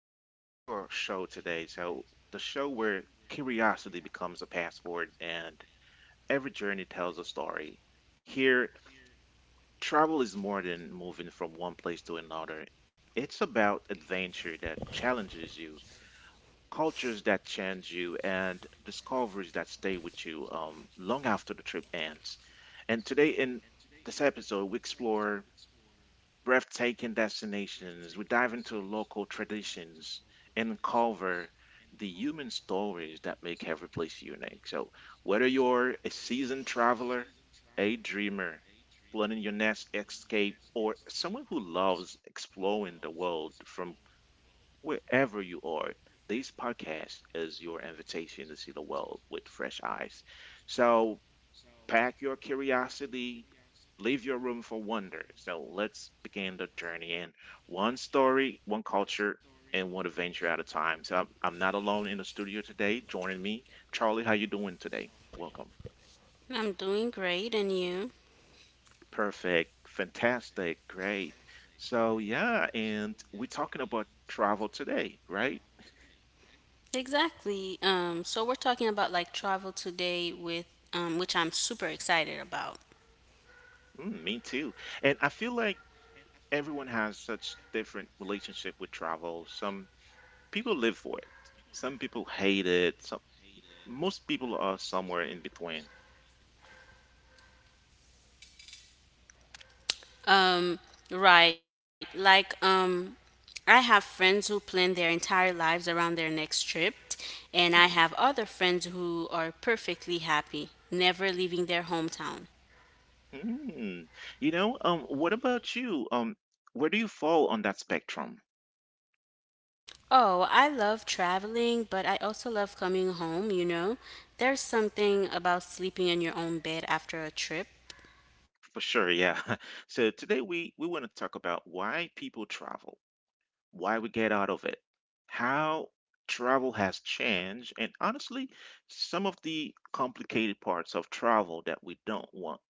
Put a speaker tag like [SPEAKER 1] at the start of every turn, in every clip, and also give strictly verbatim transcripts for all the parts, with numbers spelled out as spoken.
[SPEAKER 1] welcome back to our show today. So, the show where curiosity becomes a passport and every journey tells a story. Here, travel is more than moving from one place to another, it's about adventure that challenges you, cultures that change you, and discoveries that stay with you um, long after the trip ends. And today, in this episode, we explore breathtaking destinations. We dive into local traditions and cover the human stories that make every place unique. So, whether you're a seasoned traveler, a dreamer, planning your next escape, or someone who loves exploring the world from wherever you are, this podcast is your invitation to see the world with fresh eyes. So, pack your curiosity, leave your room for wonder. So let's begin the journey in one story, one culture, and one adventure at a time. So I'm, I'm not alone in the studio today. Joining me, Charlie, how you doing today? Welcome.
[SPEAKER 2] I'm doing great, and you?
[SPEAKER 1] Perfect. Fantastic. Great. So yeah, and we're talking about travel today, right?
[SPEAKER 2] Exactly. Um, so we're talking about like travel today with um, which I'm super excited about.
[SPEAKER 1] Mm, me too. And I feel like everyone has such different relationship with travel. Some people live for it. Some people hate it. Some Most people are somewhere in between.
[SPEAKER 2] Um, right. Like um, I have friends who plan their entire lives around their next trip, and I
[SPEAKER 1] Mhm.
[SPEAKER 2] have other friends who are perfectly happy never leaving their hometown.
[SPEAKER 1] Mm. You know, um, what about you? Um, where do you fall on that spectrum?
[SPEAKER 2] Oh, I love traveling, but I also love coming home, you know? There's something about sleeping in your own bed after a trip.
[SPEAKER 1] For sure, yeah. So today we we want to talk about why people travel, why we get out of it, how travel has changed, and honestly, some of the complicated parts of travel that we don't want,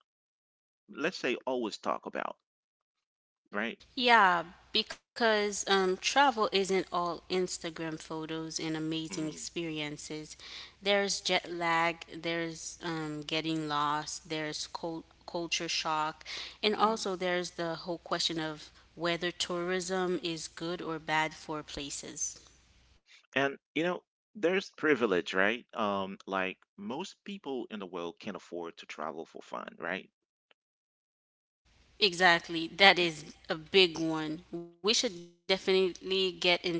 [SPEAKER 1] let's say, always talk about, right?
[SPEAKER 2] Yeah, because um, travel isn't all Instagram photos and amazing
[SPEAKER 1] Mm-hmm.
[SPEAKER 2] experiences. There's jet lag, there's um, getting lost, there's cul- culture shock, and also there's the whole question of whether tourism is good or bad for places.
[SPEAKER 1] And you know, there's privilege, right? Um, like most people in the world can afford to travel for fun, right?
[SPEAKER 2] Exactly, that is a big one. We should definitely get into that.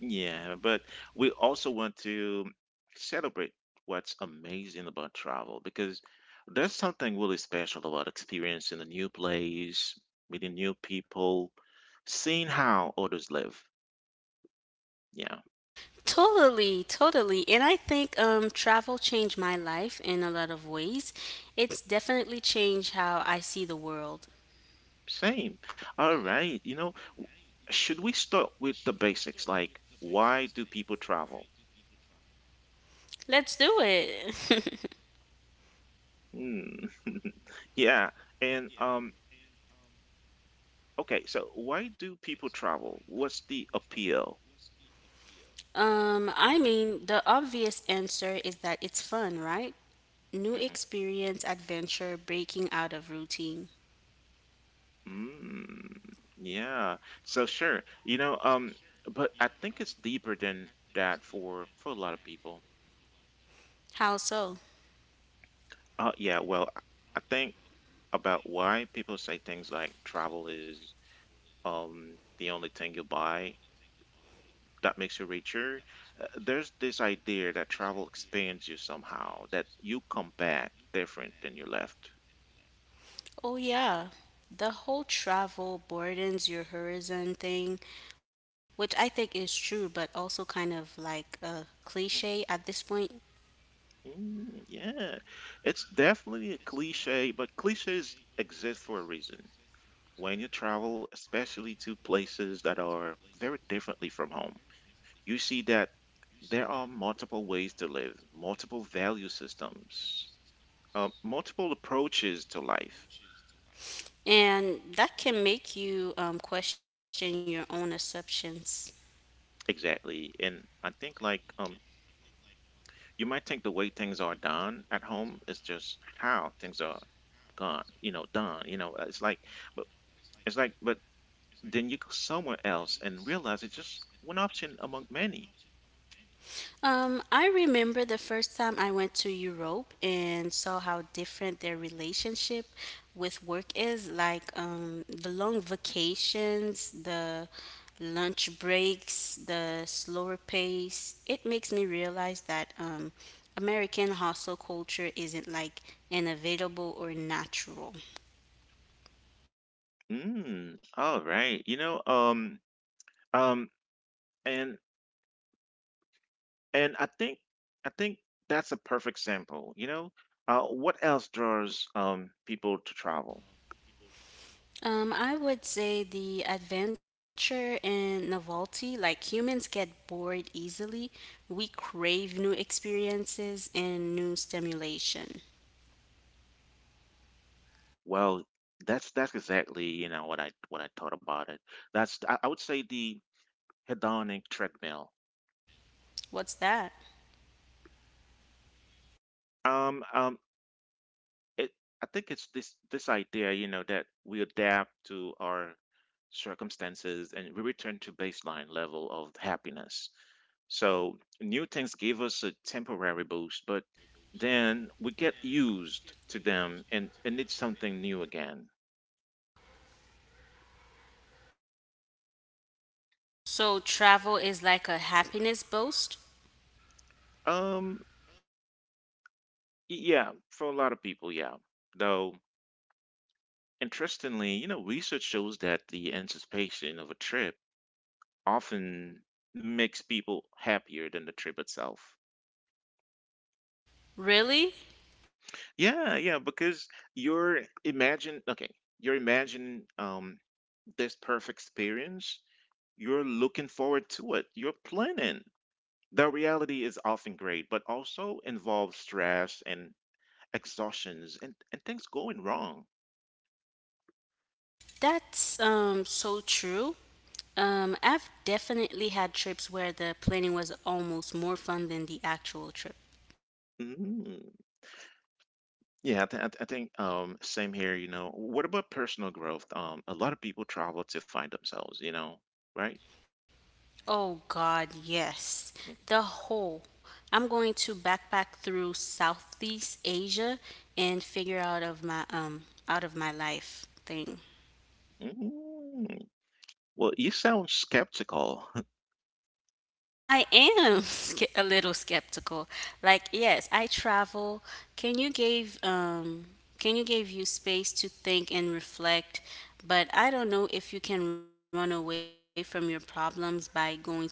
[SPEAKER 1] Yeah, but we also want to celebrate what's amazing about travel because there's something really special about experiencing a new place, meeting new people, seeing how others live. Yeah,
[SPEAKER 2] Totally, totally. And I think um, travel changed my life in a lot of ways. It's definitely changed how I see the world.
[SPEAKER 1] same. All right, you know, should we start with the basics? Like, why do people travel?
[SPEAKER 2] Let's do it.
[SPEAKER 1] Hmm. Yeah. And um okay, so why do people travel? What's the appeal?
[SPEAKER 2] um, I mean, the obvious answer is that it's fun, right? New
[SPEAKER 1] Mhm.
[SPEAKER 2] experience, adventure, breaking out of routine.
[SPEAKER 1] Mm. Yeah. So sure. You know, um but I think it's deeper than that for for a lot of people.
[SPEAKER 2] How so?
[SPEAKER 1] Uh yeah, well, I I think about why people say things like travel is um the only thing you buy that makes you richer. Uh, there's this idea that travel expands you somehow, that you come back different than you left.
[SPEAKER 2] Oh, yeah. The whole travel broadens your horizon thing, which I think is true, but also kind of like a cliche at this point.
[SPEAKER 1] Mm, yeah, it's definitely a cliche, but cliches exist for a reason. When you travel, especially to places that are very differently from home, you see that there are multiple ways to live, multiple value systems, uh, multiple approaches to life.
[SPEAKER 2] And that can make you um, question your own assumptions.
[SPEAKER 1] Exactly. And I think like um you might think the way things are done at home is just how things are gone, you know, done, you know, uh, it's like but it's like but then you go somewhere else and realize it's just one option among many.
[SPEAKER 2] Um, I remember the first time I went to Europe and saw how different their relationship with work is like um, the long vacations, the lunch breaks, the slower pace. It makes me realize that um, American hustle culture isn't like inevitable or natural.
[SPEAKER 1] Mm, all right. You know, um, um, and and I think I think that's a perfect sample. You know, uh, what else draws um people to travel?
[SPEAKER 2] Um, I would say the adventure and novelty. Like humans get bored easily. We crave new experiences and new stimulation.
[SPEAKER 1] Well, that's that's exactly you know what I what I thought about it. That's I, I would say the hedonic treadmill.
[SPEAKER 2] What's that?
[SPEAKER 1] Um, um, it I think it's this this idea you know that we adapt to our circumstances, and we return to baseline level of happiness, so new things give us a temporary boost, but then we get used to them, and and it's something new again.
[SPEAKER 2] So travel is like a happiness boost?
[SPEAKER 1] um yeah, for a lot of people, yeah, though interestingly, you know research shows that the anticipation of a trip often makes people happier than the trip itself.
[SPEAKER 2] Really?
[SPEAKER 1] Yeah, yeah, because you're imagine okay, you're imagine um this perfect experience. You're looking forward to it. You're planning. The reality is often great, but also involves stress and exhaustions, and, and things going wrong.
[SPEAKER 2] That's um so true. Um, I've definitely had trips where the planning was almost more fun than the actual trip.
[SPEAKER 1] Mm. Yeah, I, th- I th- I think um same here, you know. What about personal growth? Um a lot of people travel to find themselves, you know, right?
[SPEAKER 2] Oh God, yes. The
[SPEAKER 1] Mm.
[SPEAKER 2] whole. I'm going to backpack through Southeast Asia and figure out of my um out of my life thing.
[SPEAKER 1] Mm. Well, you sound skeptical.
[SPEAKER 2] I am ske- a little skeptical. Like, yes, I travel. Can you give um can you give you space to think and reflect? But I don't know if you can run away from your problems by going to Thailand.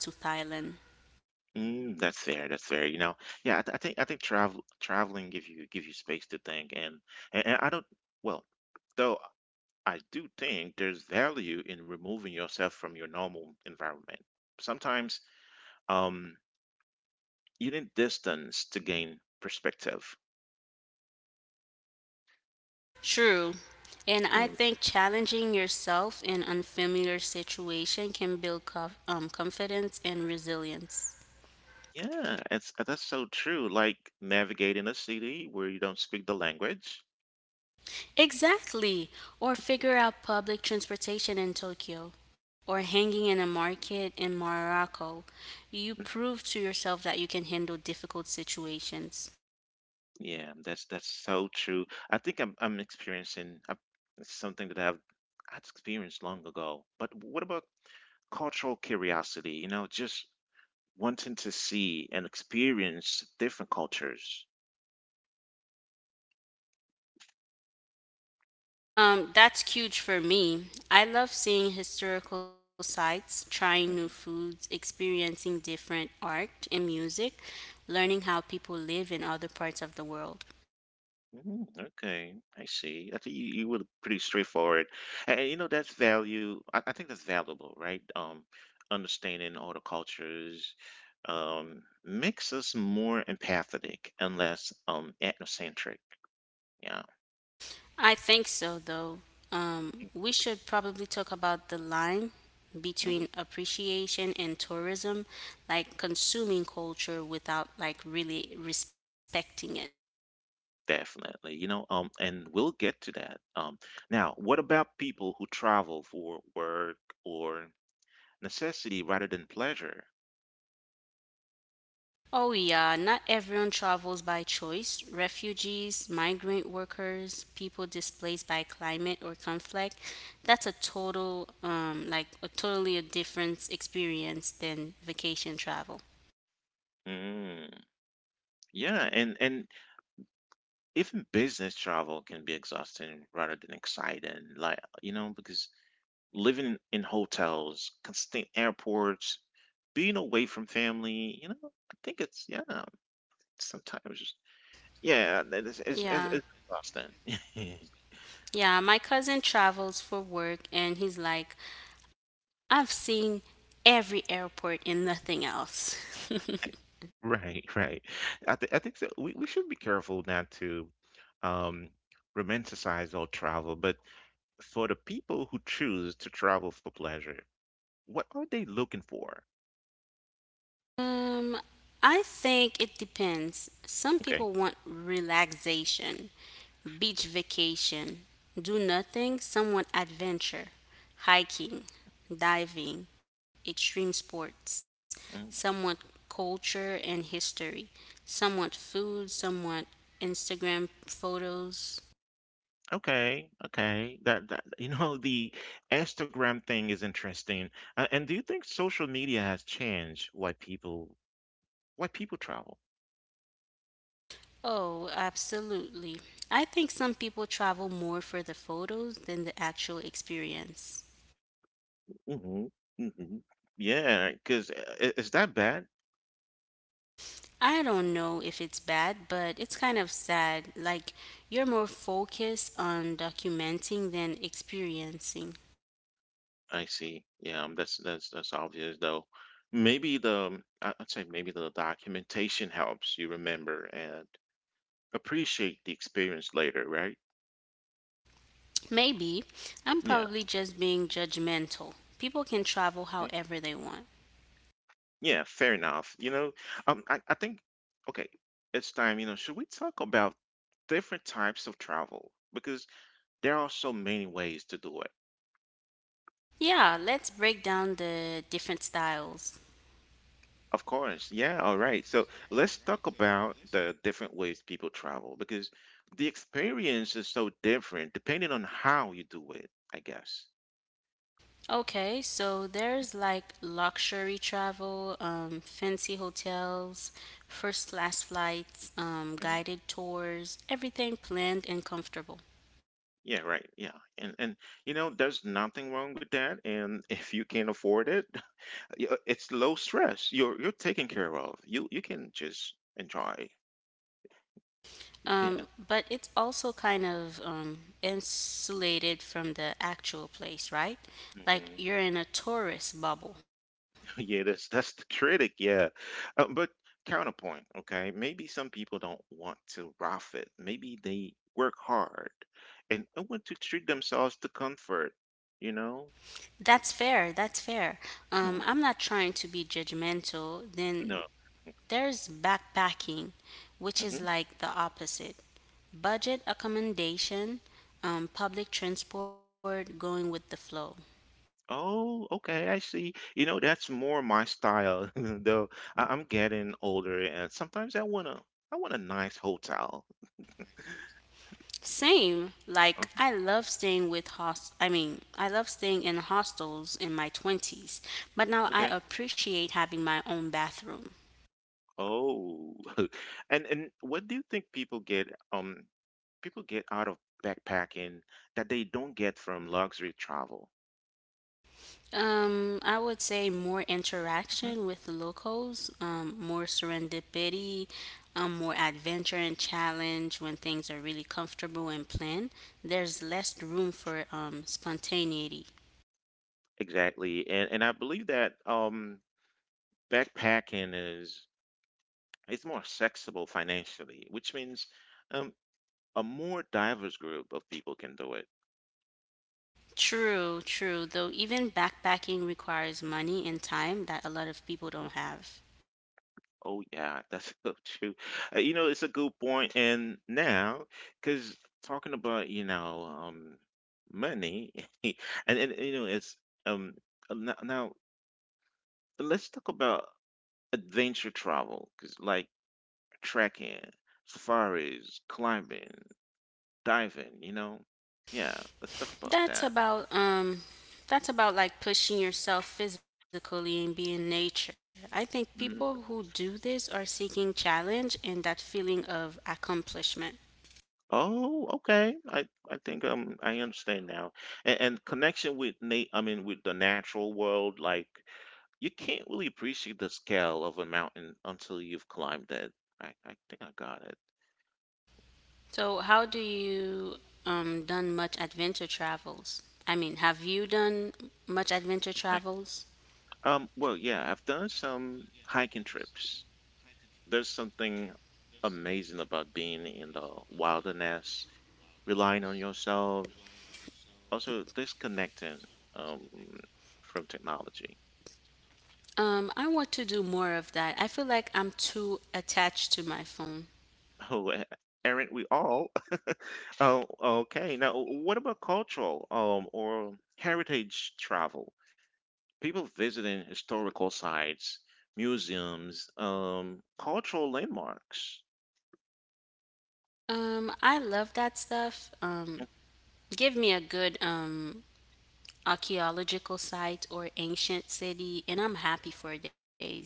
[SPEAKER 1] Mm, that's fair. That's fair. You know, yeah, I, th I think I think travel traveling give you give you space to think, and, and and I don't. Well, though I do think there's value in removing yourself from your normal environment. Sometimes, um, you need distance to gain perspective.
[SPEAKER 2] True. And I
[SPEAKER 1] Mm,
[SPEAKER 2] think challenging yourself in unfamiliar situation can build conf- um, confidence and resilience.
[SPEAKER 1] yeah, it's that's so true. Like navigating a city where you don't speak the language,
[SPEAKER 2] Exactly. Or figure out public transportation in Tokyo or hanging in a market in Morocco. You prove to yourself that you can handle difficult situations.
[SPEAKER 1] yeah, that's that's so true. I think I'm I'm experiencing I it's something that I've I'd experienced long ago. But what about cultural curiosity? You know, just wanting to see and experience different cultures.
[SPEAKER 2] Um, that's huge for me. I love seeing historical sites, trying new
[SPEAKER 1] Mhm.
[SPEAKER 2] foods, experiencing different art and music, learning how people live in other parts of the world.
[SPEAKER 1] Mhm. Okay, I see. I think you, you were pretty straightforward, and, and, you know that's value. I, I think that's valuable, right? Um, understanding all the cultures um, makes us more empathetic and less um ethnocentric. Yeah.
[SPEAKER 2] I think so, though. Um, we should probably talk about the line
[SPEAKER 1] Mhm.
[SPEAKER 2] between appreciation and tourism, like consuming culture without like really respecting it.
[SPEAKER 1] Definitely, you know, um, and we'll get to that. Um, now, what about people who travel for work or necessity rather than pleasure?
[SPEAKER 2] Oh, yeah, not everyone travels by choice. Refugees, migrant workers, people displaced by climate or conflict, that's a total, um, like a totally a different experience than vacation travel.
[SPEAKER 1] Mm, yeah, and and even business travel can be exhausting rather than exciting, like you know, because living in hotels, constant airports, being away from family, you know, I think it's yeah, sometimes just yeah, it's it's, it's,
[SPEAKER 2] Yeah,
[SPEAKER 1] it's exhausting.
[SPEAKER 2] yeah, my cousin travels for work and he's like, I've seen every airport and nothing else.
[SPEAKER 1] Right, right. I, th I think so. We, we should be careful not to um, romanticize all travel, but for the people who choose to travel for pleasure, what are they looking for?
[SPEAKER 2] Um, I think it depends. Some
[SPEAKER 1] Okay.
[SPEAKER 2] people want relaxation, beach vacation, do nothing. Some want adventure, hiking, diving, extreme sports. Some want
[SPEAKER 1] Mm.
[SPEAKER 2] culture and history. Some want food. Some want Instagram photos.
[SPEAKER 1] Okay, okay. That, that you know, the Instagram thing is interesting. Uh, and do you think social media has changed why people why people travel?
[SPEAKER 2] Oh, absolutely. I think some people travel more for the photos than the actual experience.
[SPEAKER 1] Hmm. Hmm. Yeah, because is that bad?
[SPEAKER 2] I don't know if it's bad, but it's kind of sad. Like, you're more focused on documenting than experiencing.
[SPEAKER 1] I see. Yeah, um, that's that's that's obvious though. Maybe the um, I- I'd say maybe the documentation helps you remember and appreciate the experience later, right?
[SPEAKER 2] Maybe I'm
[SPEAKER 1] Yeah.
[SPEAKER 2] probably just being judgmental. People can travel
[SPEAKER 1] eh,
[SPEAKER 2] however they want.
[SPEAKER 1] Yeah, fair enough. You know, um, I, I think, okay, it's time, you know, should we talk about different types of travel? Because there are so many ways to do it.
[SPEAKER 2] Yeah, let's break down the different styles.
[SPEAKER 1] Of course. Yeah. All right. So let's talk about the different ways people travel because the experience is so different depending on how you do it, I guess.
[SPEAKER 2] Okay, so there's like luxury travel, um, fancy hotels, first class flights, um,
[SPEAKER 1] Mhm.
[SPEAKER 2] guided tours, everything planned and comfortable.
[SPEAKER 1] Yeah, right. Yeah. And and you know, there's nothing wrong with that. And if you can afford it, y- uh, it's low stress. You're you're taken care of. You you can just enjoy.
[SPEAKER 2] Um, but it's also kind of um, insulated from the actual place, right? Like
[SPEAKER 1] Yeah.
[SPEAKER 2] you're in a tourist bubble.
[SPEAKER 1] Yeah, that's that's the critic. Yeah, uh, but counterpoint. Okay, maybe some people don't want to rough it. Maybe they work hard and do want to treat themselves to comfort. You know,
[SPEAKER 2] That's fair. That's fair.
[SPEAKER 1] Mm,
[SPEAKER 2] Um, I'm not trying to be judgmental. Then
[SPEAKER 1] no.
[SPEAKER 2] there's backpacking, which is
[SPEAKER 1] Hmm.
[SPEAKER 2] like the opposite budget accommodation, um, public transport, going with the flow.
[SPEAKER 1] Oh, okay, I see. You know, that's more my style. Though I I'm getting older, and sometimes I wanna, I want a nice hotel.
[SPEAKER 2] Same.
[SPEAKER 1] Uh,
[SPEAKER 2] Like I love staying with host I mean, I love staying in hostels in my twenties, but now I
[SPEAKER 1] Okay.
[SPEAKER 2] appreciate having my own bathroom.
[SPEAKER 1] Oh, and and what do you think people get? Um, people get out of backpacking that they don't get from luxury travel.
[SPEAKER 2] Um, I would say more
[SPEAKER 1] Mhm.
[SPEAKER 2] interaction with the locals, um, more serendipity, um, more adventure and challenge when things are really comfortable and planned. There's less room for um, spontaneity.
[SPEAKER 1] Exactly. And and I believe that um backpacking is it's more accessible financially, which means um a more diverse group of people can do it.
[SPEAKER 2] True, true. Though even backpacking requires money and time that a lot of people
[SPEAKER 1] Mhm.
[SPEAKER 2] don't have.
[SPEAKER 1] Oh yeah, that's so true. Uh, you know, it's a good point. And now, because talking about you know um money, and and you know it's um uh, no- now let's talk about adventure travel, 'cause like trekking, safaris, climbing, diving, you know? Yeah, let's talk about
[SPEAKER 2] That's
[SPEAKER 1] that.
[SPEAKER 2] about um that's about like pushing yourself physically and being nature. I think people who
[SPEAKER 1] Mhm.
[SPEAKER 2] do this are seeking challenge and that feeling of accomplishment.
[SPEAKER 1] Oh, okay. I I think um I understand now. And, and connection with Nate, I mean with the natural world, like you can't really appreciate the scale of a mountain until you've climbed it. I I think I got it.
[SPEAKER 2] So how do you um done much adventure travels? I mean, have you done much adventure
[SPEAKER 1] I-
[SPEAKER 2] travels?
[SPEAKER 1] um, well, yeah, I've done some hiking trips. There's something amazing about being in the wilderness relying on yourself, also disconnecting um, from technology.
[SPEAKER 2] Um, I want to do more of that. I feel like I'm too attached to my phone.
[SPEAKER 1] Oh, eh, aren't we all? Oh, okay. Now, what about cultural um, or heritage travel? People visiting historical sites, museums, um, cultural landmarks.
[SPEAKER 2] Um, I love that stuff. Um, give me a good um archaeological site or ancient city, and I'm happy for days.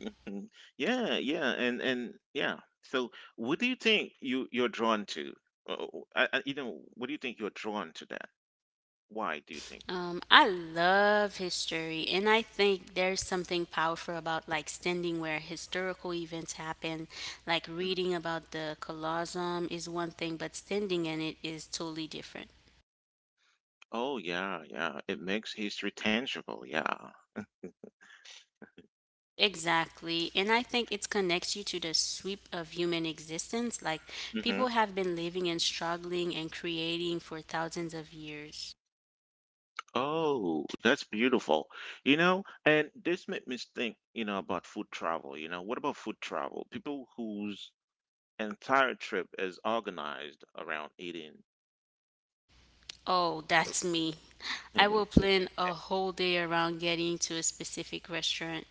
[SPEAKER 1] Mhm. Yeah, yeah, and and yeah. So, what do you think you you're drawn to? Uh, I, I, you know, what do you think you're drawn to that? Why do you think?
[SPEAKER 2] Um, I love history, and I think there's something powerful about like standing where historical events happen. Like reading about the Colosseum is one thing, but standing in it is totally different.
[SPEAKER 1] Oh yeah, yeah. It makes history tangible. Yeah.
[SPEAKER 2] Exactly. And I think it connects you to the sweep of human existence. Like people
[SPEAKER 1] Hmm.
[SPEAKER 2] have been living and struggling and creating for thousands of years.
[SPEAKER 1] Oh, that's beautiful. You know, and this made me think, you know, about food travel. You know, what about food travel? People whose entire trip is organized around eating.
[SPEAKER 2] Oh, that's me. I will plan a whole day around getting to a specific restaurant.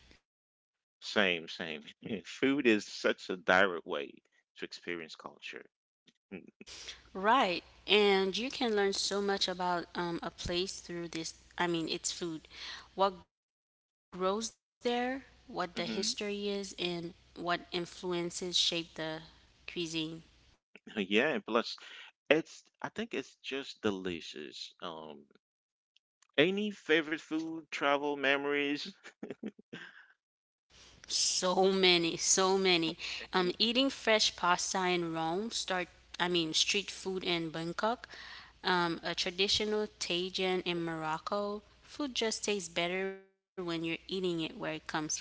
[SPEAKER 1] Same, same. Food is such a direct way to experience culture.
[SPEAKER 2] Right. And you can learn so much about um, a place through this. I mean, it's food. What grows there, what the history is,
[SPEAKER 1] Mm.
[SPEAKER 2] and what influences shape the cuisine.
[SPEAKER 1] Yeah, plus it's I think it's just delicious. Um, any favorite food, travel memories?
[SPEAKER 2] So many, so many. Um,
[SPEAKER 1] Mhm.
[SPEAKER 2] eating fresh pasta in Rome, start, I mean, street food in Bangkok, um, a traditional tajin in Morocco. Food just tastes better when you're eating it where it comes from.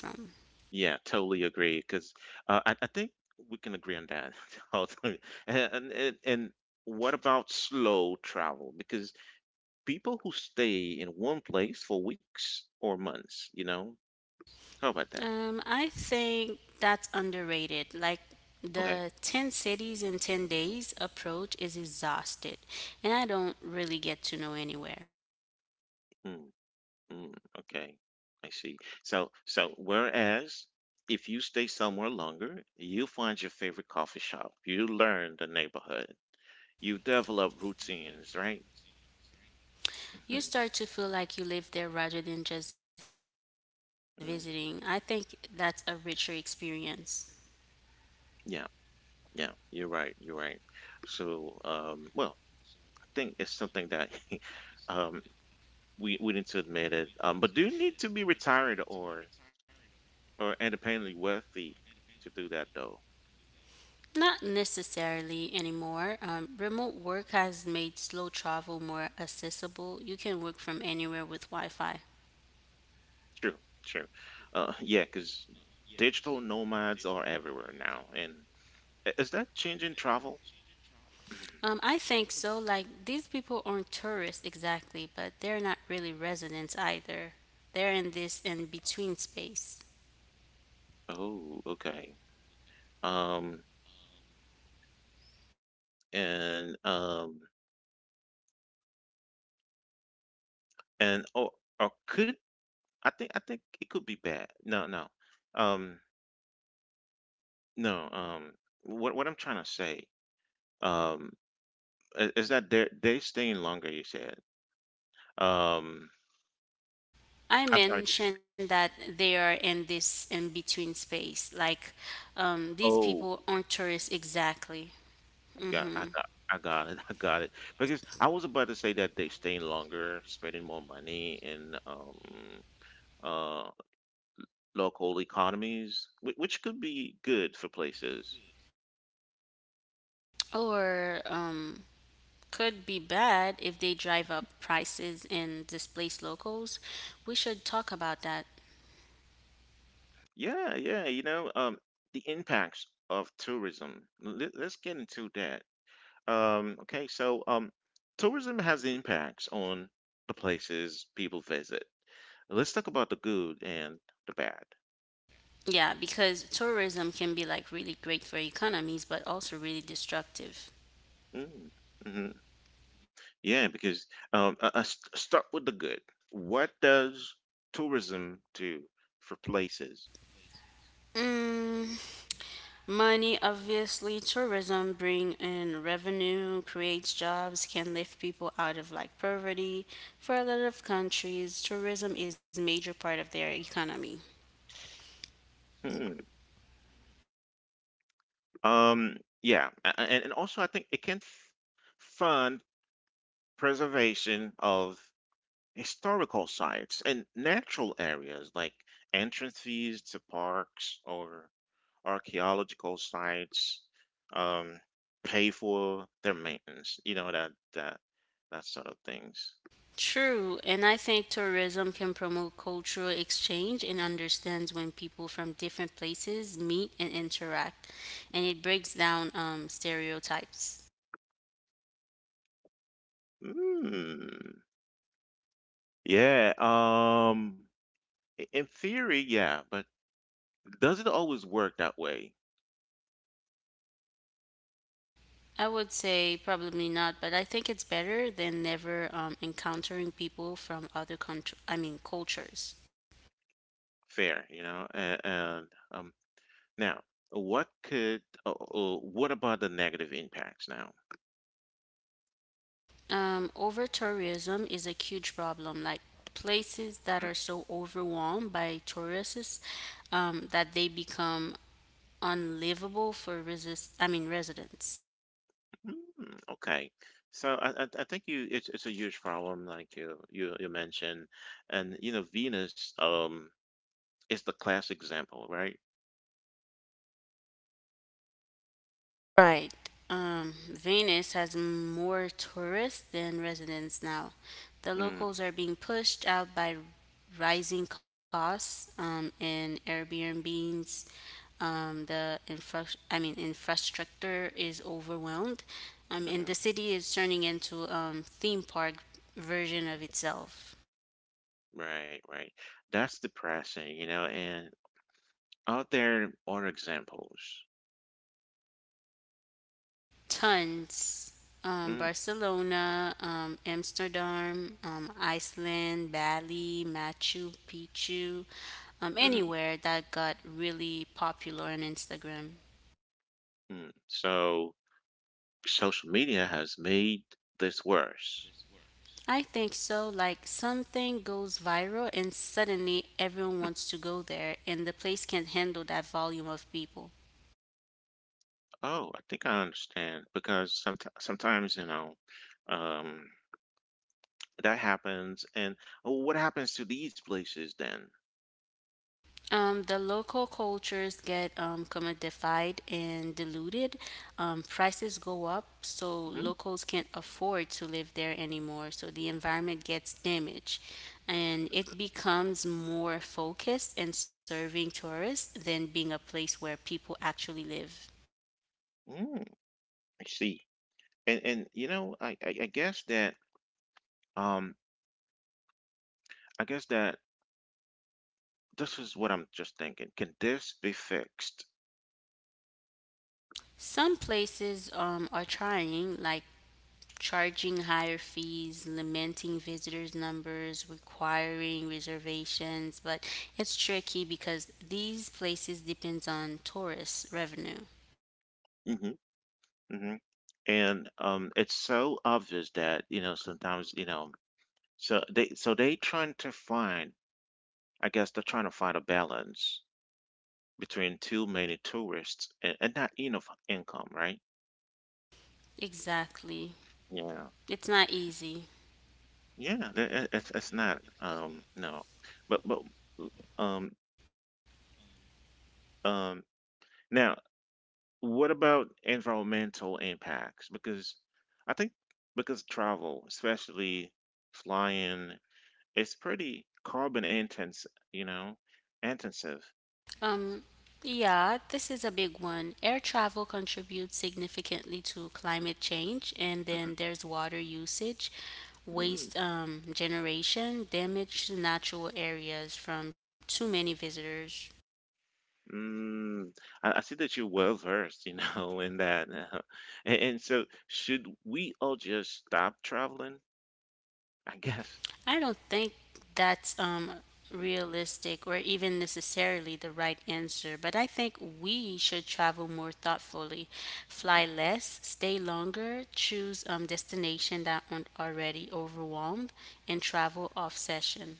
[SPEAKER 1] Yeah, totally agree. Because uh, I, I think we can agree on that. Also, And, and and what about slow travel? Because people who stay in one place for weeks or months, you know, how about that?
[SPEAKER 2] Um, I think that's underrated. Like
[SPEAKER 1] Okay.
[SPEAKER 2] the 10 cities in 10 days approach is exhausted, and I don't really get to know anywhere.
[SPEAKER 1] Hmm. Mm, okay, I see. So, so whereas if you stay somewhere longer, you find your favorite coffee shop, you learn the neighborhood, you develop routines, right? Mhm.
[SPEAKER 2] You start to feel like you live there rather than just visiting. I think
[SPEAKER 1] Mm.
[SPEAKER 2] that's a richer experience.
[SPEAKER 1] Yeah, yeah, you're right, you're right. So, um, well, I think it's something that um, we we need to admit it. Um, but do you need to be retired or or independently wealthy to do that though?
[SPEAKER 2] Not necessarily anymore. Um, remote work has made slow travel more accessible. You can work from anywhere with Wi Fi.
[SPEAKER 1] True, true. Uh, yeah, because digital nomads are everywhere now. And i- is that changing travel?
[SPEAKER 2] Um, I think so. Like, these people aren't tourists exactly, but they're not really residents either. They're in this in between space.
[SPEAKER 1] Oh, okay. Um, and um, and oh, or could I think I think it could be bad. No, no. Um, no. Um, what what I'm trying to say, um, i- is that they're they staying longer, you said. Um,
[SPEAKER 2] I
[SPEAKER 1] I'm sorry.
[SPEAKER 2] mentioned that they are in this in between space. Like, um, these people
[SPEAKER 1] Oh.
[SPEAKER 2] aren't tourists exactly.
[SPEAKER 1] Got,
[SPEAKER 2] Hmm.
[SPEAKER 1] I got, I got it, I got it. Because I was about to say that they stay longer, spending more money in um uh local economies, whi- which could be good for places.
[SPEAKER 2] Or um, could be bad if they drive up prices and displace locals. We should talk about that.
[SPEAKER 1] Yeah, yeah, you know, um, the impacts of tourism. Let, let's get into that. Um, okay, so um, tourism has impacts on the places people visit. Let's talk about the good and the bad.
[SPEAKER 2] Yeah, because tourism can be like really great for economies, but also really destructive.
[SPEAKER 1] Mm-hmm. Mm-hmm. Yeah, because um, uh, uh, st- start with the good. What does tourism do for places?
[SPEAKER 2] Mm, money, obviously, tourism bring in revenue, creates jobs, can lift people out of like poverty. For a lot of countries, tourism is major part of their economy.
[SPEAKER 1] Hmm. Um, yeah, a- a- and, and also I think it can f- fund preservation of historical sites and natural areas, like entrance fees to parks or archaeological sites, um, pay for their maintenance, you know, that that that sort of things.
[SPEAKER 2] True, and I think tourism can promote cultural exchange and understands when people from different places meet and interact, and it breaks down um, stereotypes.
[SPEAKER 1] Hmm. Yeah, um, i- in theory, yeah, but does it always work that way?
[SPEAKER 2] I would say probably not, but I think it's better than never um, encountering people from other country. I mean cultures.
[SPEAKER 1] Fair, you know? And, and um, now, what could, uh, uh, what about the negative impacts now?
[SPEAKER 2] Um, over tourism is a huge problem. Like places that are so overwhelmed by tourists um, that they become unlivable for resist. I mean residents.
[SPEAKER 1] Mm, okay. So I, I I think you it's it's a huge problem, like you you you mentioned. And you know, Venus um is the class example, right?
[SPEAKER 2] Right. Um, Venice has more tourists than residents now. The
[SPEAKER 1] Mm.
[SPEAKER 2] locals are being pushed out by rising costs um, and Airbnbs. Um, the infra- I mean infrastructure is overwhelmed, um, and the
[SPEAKER 1] Hmm.
[SPEAKER 2] city is turning into um, theme park version of itself.
[SPEAKER 1] Right, right, that's depressing, you know. And out there are examples.
[SPEAKER 2] Tons. Um, Barcelona, um, Amsterdam, um, Iceland, Bali, Machu Picchu, um,
[SPEAKER 1] Mm-hmm.
[SPEAKER 2] anywhere that got really popular on Instagram.
[SPEAKER 1] Mm, so social media has made this worse.
[SPEAKER 2] I think so. Like something goes viral and suddenly everyone
[SPEAKER 1] Mm.
[SPEAKER 2] wants to go there, and the place can't handle that volume of people.
[SPEAKER 1] Oh, I think I understand, because sometimes sometimes you know, um, that happens. And oh, what happens to these places then?
[SPEAKER 2] Um, the local cultures get um, commodified and diluted. Um, prices go up, so
[SPEAKER 1] Mm.
[SPEAKER 2] locals can't afford to live there anymore. So the environment gets damaged, and it becomes more focused and serving tourists than being a place where people actually live.
[SPEAKER 1] Mm. I see. And and you know, I, I I guess that um I guess that this is what I'm just thinking. Can this be fixed?
[SPEAKER 2] Some places um, are trying, like charging higher fees, limiting visitors' numbers, requiring reservations, but it's tricky because these places depends on tourist revenue.
[SPEAKER 1] Hmm. Hmm. And um, it's so obvious that you know sometimes you know, so they so they trying to find, I guess they're trying to find a balance between too many tourists and, and not enough income, right?
[SPEAKER 2] Exactly.
[SPEAKER 1] Yeah,
[SPEAKER 2] It's not easy.
[SPEAKER 1] yeah, th- it- it's it's not um no, but but um um now, what about environmental impacts? Because I think, because travel, especially flying, it's pretty carbon intense, you know, intensive.
[SPEAKER 2] Um, yeah, this is a big one. Air travel contributes significantly to climate change, and then there's water usage,
[SPEAKER 1] Mhm.
[SPEAKER 2] waste um, generation, damage to natural areas from too many visitors.
[SPEAKER 1] Mm. I, I see that you're well versed, you know, in that. uh, and, and so, should we all just stop traveling? I guess.
[SPEAKER 2] I don't think that's um, realistic or even necessarily the right answer, but I think we should travel more thoughtfully, fly
[SPEAKER 1] Mhm.
[SPEAKER 2] less, stay longer, choose um, destination that aren't already overwhelmed, and travel off session.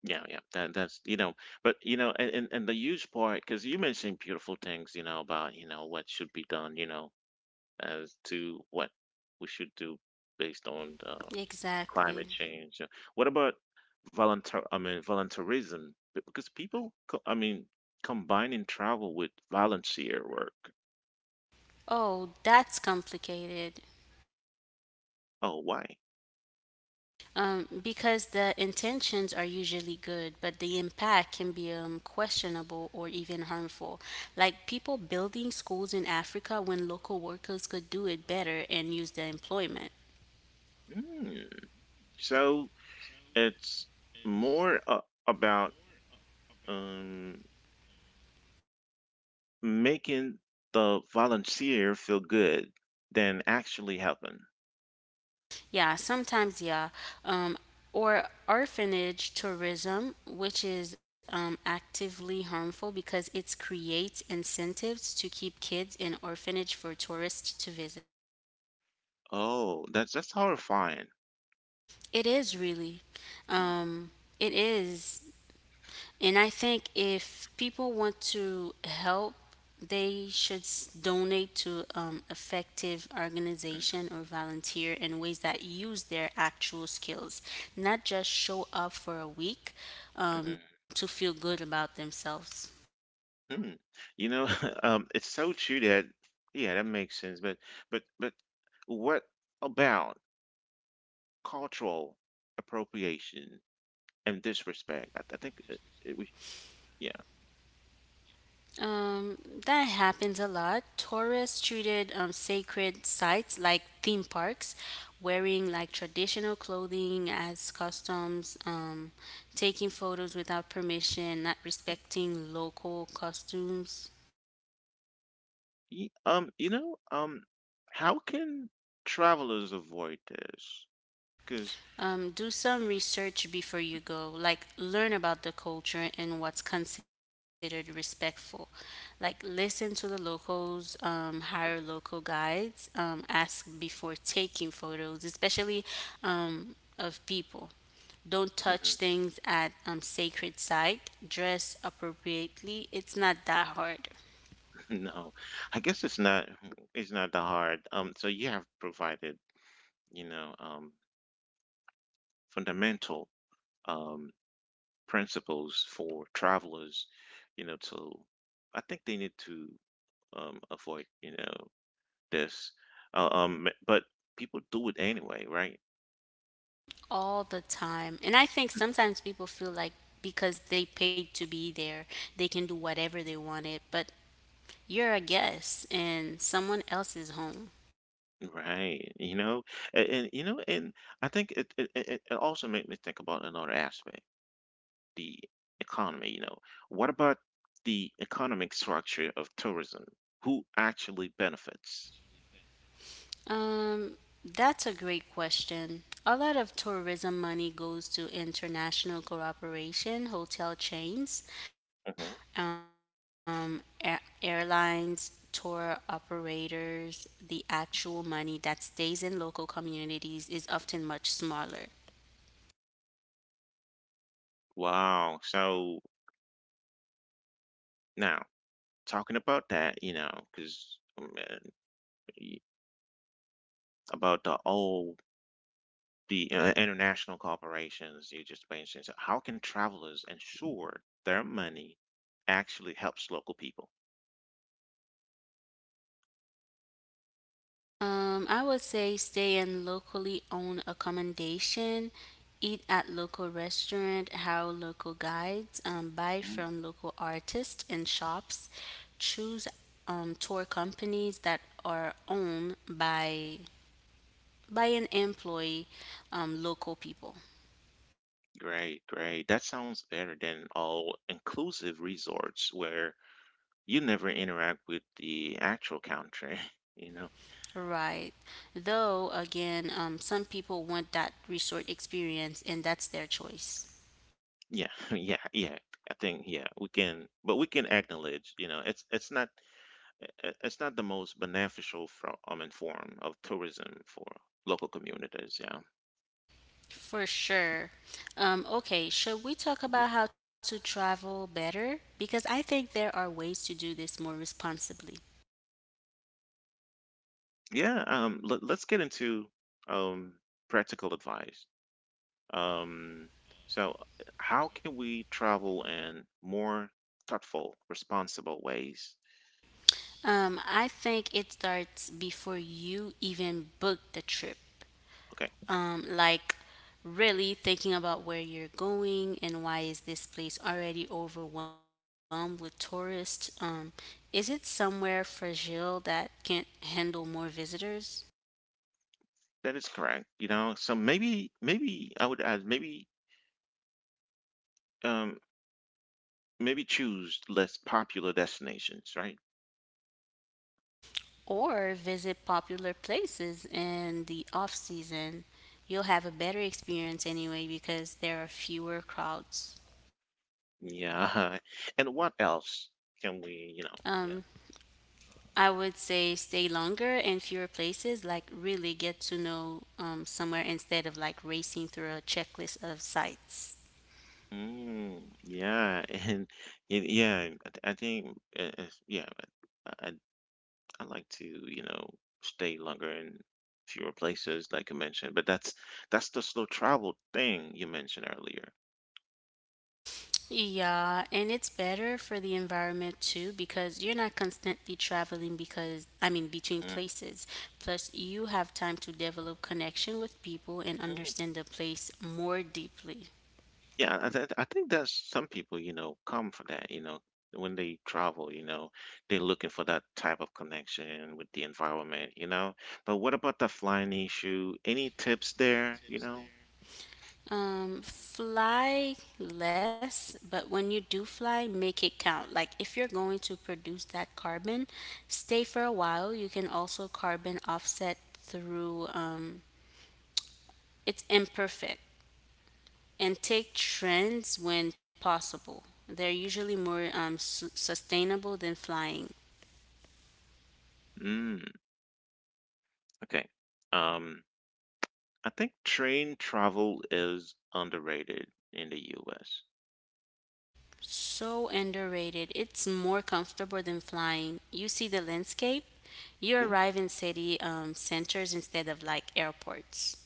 [SPEAKER 1] Yeah, yeah. That, that's you know, but you know, and and, and the huge part because you mentioned beautiful things, you know, about you know what should be done, you know, as to what we should do based on the
[SPEAKER 2] Exactly.
[SPEAKER 1] climate change. Uh, What about volunteer? I mean, volunteerism. B- because people, co- I mean, combining travel with volunteer work.
[SPEAKER 2] Oh, that's complicated.
[SPEAKER 1] Oh, why?
[SPEAKER 2] Um, because the intentions are usually good, but the impact can be um, questionable or even harmful. Like people building schools in Africa when local workers could do it better and use the employment.
[SPEAKER 1] Mm. So it's more uh, about, um, making the volunteer feel good than actually helping.
[SPEAKER 2] Yeah, sometimes, yeah. Um, or orphanage tourism, which is um, actively harmful because it creates incentives to keep kids in orphanage for tourists to visit.
[SPEAKER 1] Oh, that's that's horrifying.
[SPEAKER 2] It is really.
[SPEAKER 1] Mm,
[SPEAKER 2] Um, it is And I think if people want to help, they should s- donate to um, effective
[SPEAKER 1] mm,
[SPEAKER 2] organization or volunteer in ways that use their actual skills, not just show up for a week um, to
[SPEAKER 1] mm,
[SPEAKER 2] feel good about themselves.
[SPEAKER 1] mm. Hmm. You know, um, it's so true that yeah, that makes sense. But but but what about cultural appropriation and disrespect? I, I think uh, it, we, yeah.
[SPEAKER 2] Um, that happens a lot. Tourists treated um, sacred sites like theme parks, wearing like traditional clothing as customs, um, taking photos without permission, not respecting local costumes.
[SPEAKER 1] Ye- Um, you know, um, how can travelers avoid this? Because
[SPEAKER 2] Um, do some research before you go. Like, learn about the culture and what's considered respectful. Like, listen to the locals, um, hire local guides, um, ask before taking photos, especially um, of people. Don't touch things at um, sacred site. Dress appropriately. It's not that hard
[SPEAKER 1] no, I guess it's not it's not that hard. Um, so you have provided, you know, um, fundamental um principles for travelers, you know, to I think they need to um avoid, you know, this. Uh, um, but people do it anyway, right?
[SPEAKER 2] all the time. And I think sometimes people feel like because they paid to be there, they can do whatever they wanted. But you're a guest in someone else's home.
[SPEAKER 1] Right. You know, and, and you know, and I think it it, it it it also made me think about another aspect, the economy, you know. What about the economic structure of tourism? Who actually benefits?
[SPEAKER 2] Um, that's a great question. A lot of tourism money goes to international cooperation, hotel chains,
[SPEAKER 1] Hmm.
[SPEAKER 2] um, a- airlines, tour operators. The actual money that stays in local communities is often much smaller.
[SPEAKER 1] Wow. So now, talking about that, you know, because about the all the uh, international corporations you just mentioned, so how can travelers ensure their money actually helps local people?
[SPEAKER 2] Um, I would say stay in locally owned accommodation, eat at local restaurant, hire local guides, um, buy from local artists and shops, choose um, tour companies that are owned by by an employee, um, local people.
[SPEAKER 1] Great, great. That sounds better than all inclusive resorts where you never interact with the actual country, you know?
[SPEAKER 2] Right. Though again, um, some people want that resort experience, and that's their choice.
[SPEAKER 1] Yeah, yeah, yeah. I think yeah, we can, but we can acknowledge, you know, it's it's not i- it's not the most beneficial from um, and form of tourism for local communities. Yeah.
[SPEAKER 2] For sure. Um, okay, should we talk
[SPEAKER 1] Mhm.
[SPEAKER 2] about how to travel better? Because I think there are ways to do this more responsibly.
[SPEAKER 1] Yeah. Um, let, let's get into um practical advice. Um, so, uh, how can we travel in more thoughtful, responsible ways?
[SPEAKER 2] Um, I think it starts before you even book the trip.
[SPEAKER 1] Okay,
[SPEAKER 2] Um, like, really thinking about where you're going and why is this place already overwhelmed with tourists? Um, is it somewhere fragile that can't handle more visitors?
[SPEAKER 1] that is correct. You know, so maybe, maybe I would add, maybe, um, maybe choose less popular destinations, right?
[SPEAKER 2] Or visit popular places in the off season. You'll have a better experience anyway because there are fewer crowds.
[SPEAKER 1] Yeah. And what else can we, you know, yeah.
[SPEAKER 2] Um, I would say stay longer in fewer places, like really get to know um, somewhere instead of like racing through a checklist of sites.
[SPEAKER 1] Mm, yeah, and, and yeah, I, th- I think, uh, uh, yeah, I I like to, you know, stay longer in fewer places, like you mentioned. But that's that's the slow travel thing you mentioned earlier.
[SPEAKER 2] Yeah, and it's better for the environment too because you're not constantly traveling because I mean between places. Plus you have time to develop connection with people and
[SPEAKER 1] Mhm.
[SPEAKER 2] understand the place more deeply.
[SPEAKER 1] Yeah, I, th- I think that some people, you know, come for that, you know, when they travel, you know, they're looking for that type of connection with the environment, you know. But what about the flying issue? Any tips there, you know?
[SPEAKER 2] Um fly less, but when you do fly, make it count. Like if you're going to produce that carbon, stay for a while. You can also carbon offset through, um it's imperfect, and take trends when possible. They're usually more um, su- sustainable than flying.
[SPEAKER 1] Mm, okay. Um, I think train travel is underrated in the U S.
[SPEAKER 2] So underrated. It's more comfortable than flying. You see the landscape. You arrive in city um, centers instead of like airports.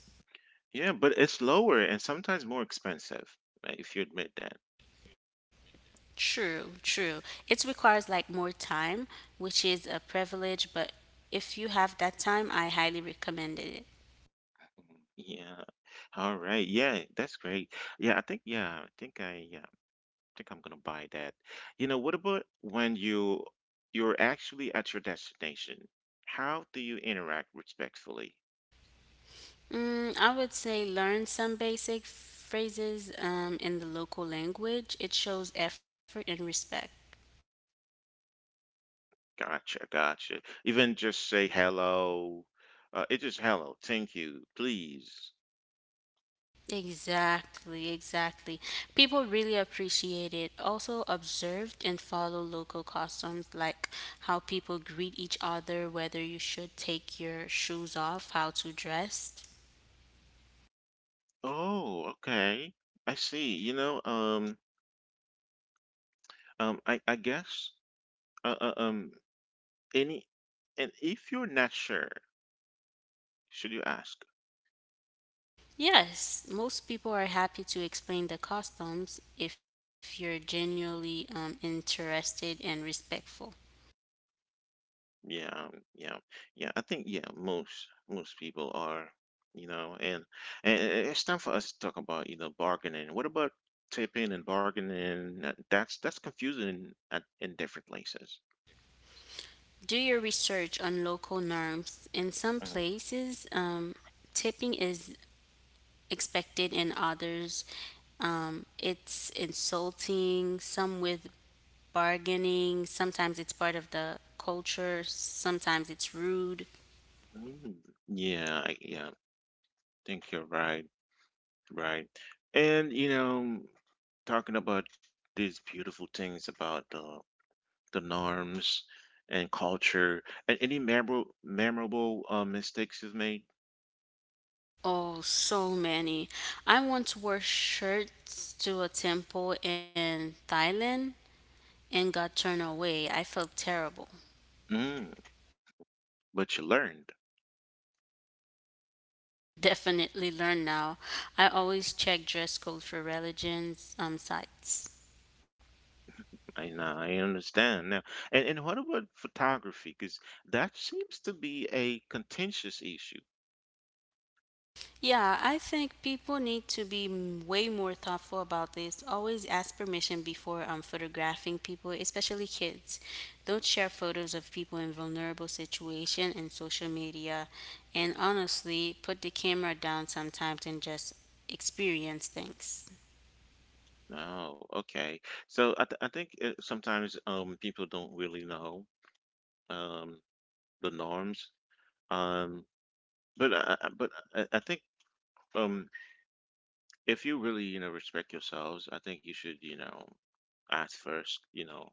[SPEAKER 1] Yeah, but it's lower and sometimes more expensive, uh, if you admit that.
[SPEAKER 2] True, true. It requires like more time, which is a privilege, but if you have that time, I highly recommend it.
[SPEAKER 1] Mhm. Yeah. All right. Yeah, that's great. Yeah, I think yeah, I think I yeah, I think I'm gonna buy that. You know, what about when you you're actually at your destination? How do you interact respectfully?
[SPEAKER 2] Mm, I would say learn some basic phrases um, in the local language. It shows effort and respect.
[SPEAKER 1] Gotcha, gotcha. Even just say hello. Uh, it's just hello, thank you, please.
[SPEAKER 2] Exactly, exactly. People really appreciate it. Also, observe and follow local customs like how people greet each other, whether you should take your shoes off, how to dress.
[SPEAKER 1] Oh, okay. I see. You know, um, um, I I guess, uh, uh, um, any and if you're not sure, should you ask?
[SPEAKER 2] Yes, most people are happy to explain the customs if you're genuinely um, interested and respectful.
[SPEAKER 1] Yeah, yeah, yeah. I think yeah, most most people are, you know, and and it's time for us to talk about you know bargaining. What about tipping and bargaining? That- That's that's confusing in at, in different places.
[SPEAKER 2] Do your research on local norms. In some
[SPEAKER 1] Mhm.
[SPEAKER 2] places, um, tipping is expected. In others, um, it's insulting. Some with bargaining, sometimes it's part of the culture, sometimes it's rude.
[SPEAKER 1] Mm. Yeah, I- yeah. I think you're right, right. And you know, talking about these beautiful things about the the norms and culture, and any memorable memorable uh, mistakes you've made.
[SPEAKER 2] Oh, so many. I once wore shirts to a temple in Thailand and got turned away. I felt terrible.
[SPEAKER 1] Mm, but you learned.
[SPEAKER 2] Definitely learn now. I always check dress code for religions um, sites.
[SPEAKER 1] I know, I understand now. and, and what about photography, because that seems to be a contentious issue.
[SPEAKER 2] Yeah, I think people need to be m- way more thoughtful about this. Always ask permission before um, photographing people, especially kids. Don't share photos of people in vulnerable situation in social media. And honestly, put the camera down sometimes and just experience things.
[SPEAKER 1] Oh, okay. So i, th- I think uh sometimes um, people don't really know um, the norms, um, but I, I- but I, I think um, if you really you know respect yourselves, I think you should you know ask first, you know,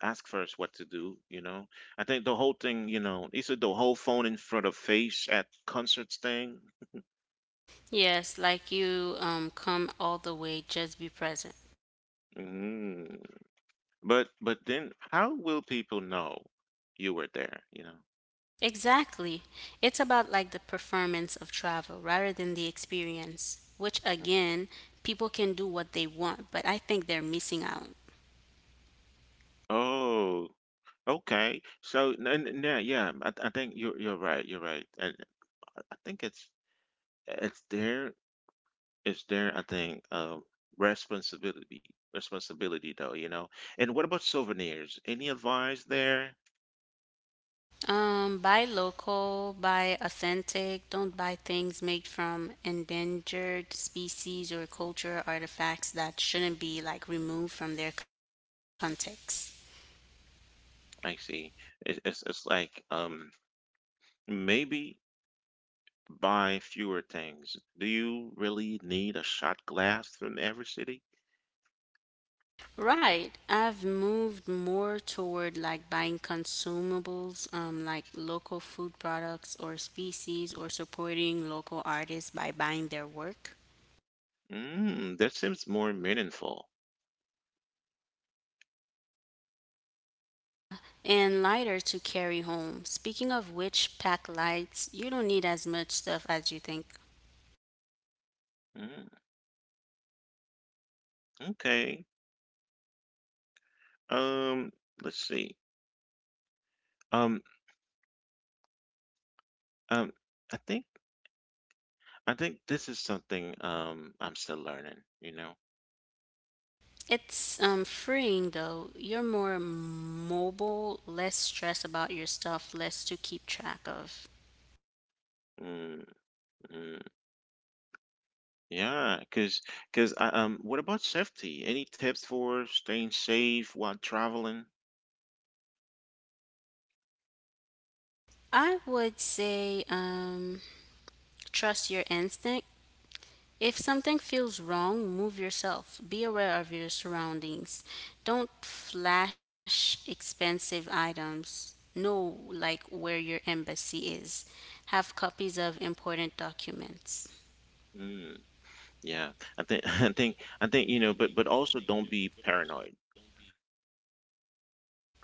[SPEAKER 1] ask first what to do, you know. I think the whole thing, you know, is it the whole phone in front of face at concerts thing?
[SPEAKER 2] Yes, like you um, come all the way, just be present.
[SPEAKER 1] Mm. But but then how will people know you were there, you know?
[SPEAKER 2] Exactly. It's about like the performance of travel rather than the experience, which
[SPEAKER 1] Mm.
[SPEAKER 2] again, people can do what they want, but I think they're missing out.
[SPEAKER 1] Oh, okay. So n- n- yeah, yeah, I, I think you're you're right, you're right. And I think it's it's there it's there, I think, um responsibility responsibility though, you know. And what about souvenirs? Any advice there?
[SPEAKER 2] Um, buy local, buy authentic, don't buy things made from endangered species or cultural artifacts that shouldn't be like removed from their context.
[SPEAKER 1] I see. It, it's it's like um maybe buy fewer things. Do you really need a shot glass from every city?
[SPEAKER 2] Right. I've moved more toward like buying consumables, um, like local food products or species, or supporting local artists by buying their work.
[SPEAKER 1] Mm, that seems more meaningful.
[SPEAKER 2] And lighter to carry home. Speaking of which, pack lights, you don't need as much stuff as you think.
[SPEAKER 1] Mm, okay. Um, let's see. Um, um, I think I think this is something um I'm still learning, you know.
[SPEAKER 2] It's um, freeing though. You're more mobile, less stressed about your stuff, less to keep track of.
[SPEAKER 1] Mm, mm, yeah. Cause cause I, um, what about safety? Any tips for staying safe while traveling?
[SPEAKER 2] I would say um, trust your instinct. If something feels wrong, move yourself. Be aware of your surroundings. Don't flash expensive items. Know like where your embassy is. Have copies of important documents.
[SPEAKER 1] Mm. Yeah, I think I think I think you know, but but also don't be paranoid.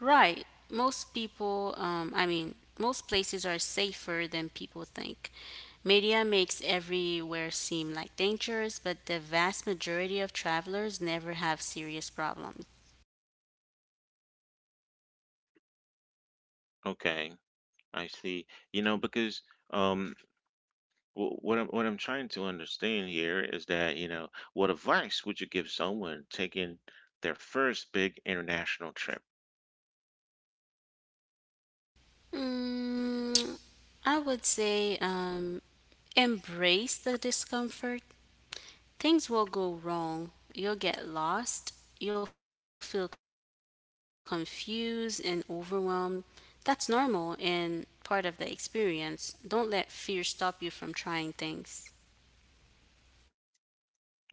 [SPEAKER 2] Right. Most people, um, I mean, most places are safer than people think. Media makes everywhere seem like dangerous, but the vast majority of travelers never have serious problems.
[SPEAKER 1] Okay, I see. You know, because um, w what I'm what I'm trying to understand here is that you know, what advice would you give someone taking their first big international trip?
[SPEAKER 2] Mm, I would say um, embrace the discomfort. Things will go wrong. You'll get lost. You'll feel confused and overwhelmed. That's normal and part of the experience. Don't let fear stop you from trying things.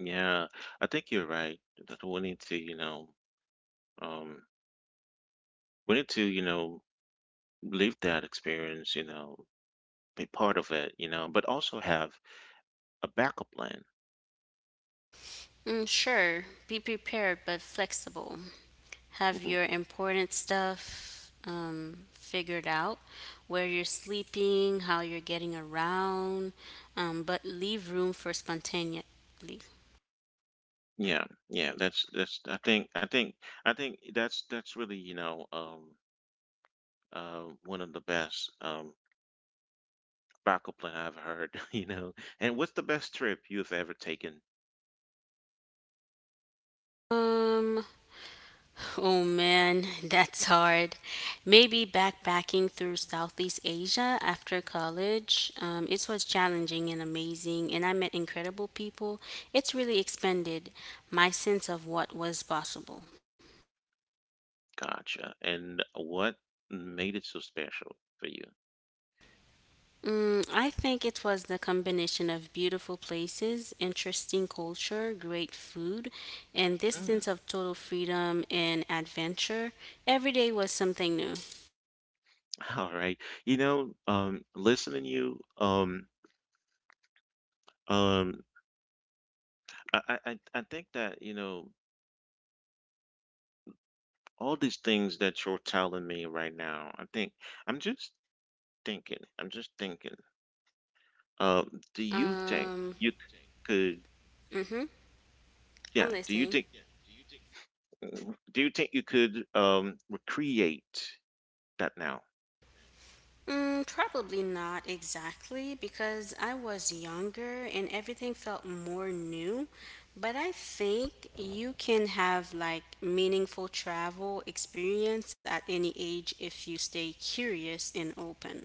[SPEAKER 1] Yeah, I think you're right. That we need to you know, um, we need to you know, live that experience. You know, be part of it. You know, but also have a backup plan.
[SPEAKER 2] Mm, sure, be prepared but flexible. Have
[SPEAKER 1] Mm-hmm.
[SPEAKER 2] your important stuff um, figured out, where you're sleeping, how you're getting around, um, but leave room for spontaneity.
[SPEAKER 1] Yeah, yeah, that's that's I think I think I think that's that's really, you know, um uh one of the best um backup plan I've heard, you know. And what's the best trip you've ever taken?
[SPEAKER 2] Um, oh, man, that's hard. Maybe backpacking through Southeast Asia after college. Um, it was challenging and amazing, and I met incredible people. It's really expanded my sense of what was possible.
[SPEAKER 1] Gotcha. And what made it so special for you?
[SPEAKER 2] Mm, I think it was the combination of beautiful places, interesting culture, great food, and this
[SPEAKER 1] Mm,
[SPEAKER 2] sense of total freedom and adventure. Every day was something new.
[SPEAKER 1] all right. You know, um listening to you, um um I, I I I think that, you know, all these things that you're telling me right now, I think I'm just thinking. I'm just thinking. Um, do you think
[SPEAKER 2] Um,
[SPEAKER 1] you could,
[SPEAKER 2] mm-hmm, I'm
[SPEAKER 1] yeah, do you
[SPEAKER 2] listening.
[SPEAKER 1] think, mm, do you think you could um, recreate that now?
[SPEAKER 2] Mm, probably not exactly because I was younger and everything felt more new. But I think you can have like meaningful travel experience at any age if you stay curious and open.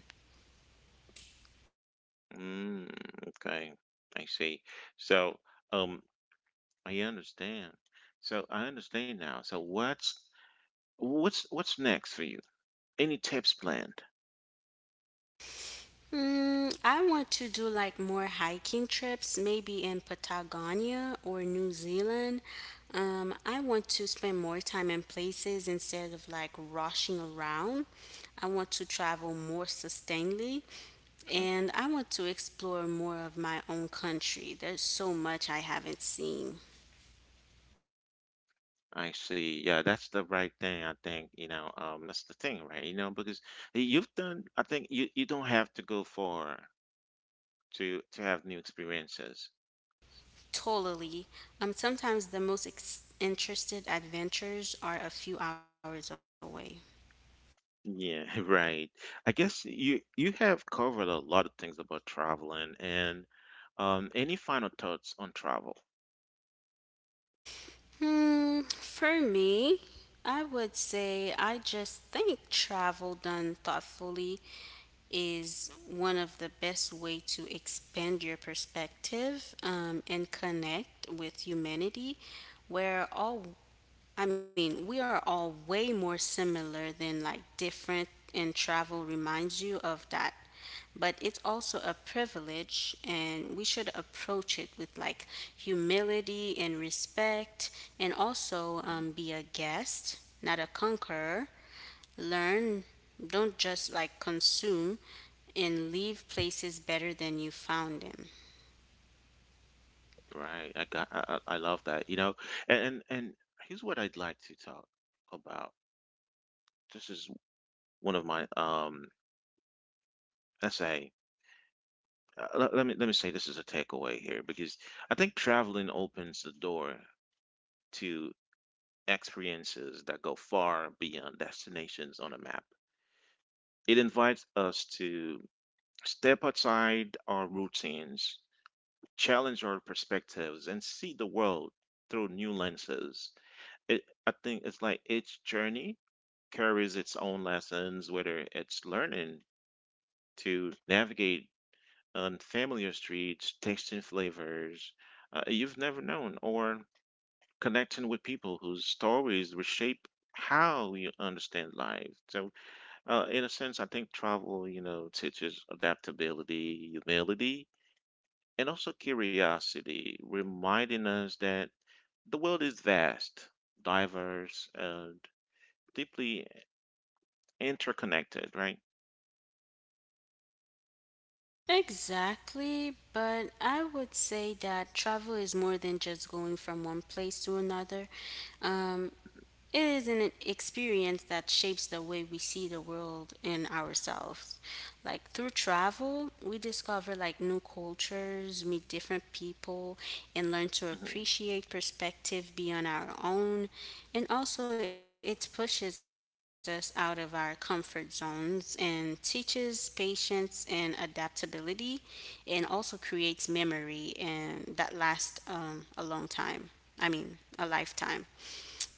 [SPEAKER 1] Mm, okay, I see. So, um, I understand. So I understand now. So what's what's what's next for you? Any tips planned?
[SPEAKER 2] Mm, I want to do like more hiking trips, maybe in Patagonia or New Zealand. Um, I want to spend more time in places instead of like rushing around. I want to travel more sustainably
[SPEAKER 1] Mhm.
[SPEAKER 2] and I want to explore more of my own country. There's so much I haven't seen.
[SPEAKER 1] I see. Yeah, that's the right thing. I think, you know, um, that's the thing, right? You know, because you've done, I think you, you don't have to go far to to have new experiences.
[SPEAKER 2] Totally. Um, sometimes the most ex- interested adventures are a few hours away.
[SPEAKER 1] Yeah, right. I guess you you have covered a lot of things about traveling and um any final thoughts on travel?
[SPEAKER 2] Hmm, for me, I would say I just think travel done thoughtfully is one of the best way to expand your perspective um, and connect with humanity. Where all, I mean, we are all way more similar than like different, and travel reminds you of that, but it's also a privilege, and we should approach it with like humility and respect, and also um,
[SPEAKER 1] Mhm.
[SPEAKER 2] be a guest, not a conqueror. Learn, don't just like consume, and leave places better than you found them.
[SPEAKER 1] Right. I got I, I I love that. You know, and and here's what I'd like to talk about. This is one of my um let's say uh, let, let me let me say this is a takeaway here because I think traveling opens the door to experiences that go far beyond destinations on a map. It invites us to step outside our routines, challenge our perspectives, and see the world through new lenses. It, I think it's like each journey carries its own lessons, whether it's learning to navigate unfamiliar streets, tasting flavors uh, you've never known, or connecting with people whose stories reshape how you understand life. So, uh, in a sense, I think travel, you know, teaches adaptability, humility, and also curiosity, reminding us that the world is vast, diverse, and deeply interconnected, right?
[SPEAKER 2] Exactly, but I would say that travel is more than just going from one place to another. Um, It is an experience that shapes the way we see the world and ourselves. Like through travel, we discover like new cultures, meet different people, and learn to
[SPEAKER 1] Mhm.
[SPEAKER 2] appreciate perspective beyond our own. And also, it pushes us out of our comfort zones and teaches patience and adaptability, and also creates memory and that lasts um, a long time. I mean, a lifetime.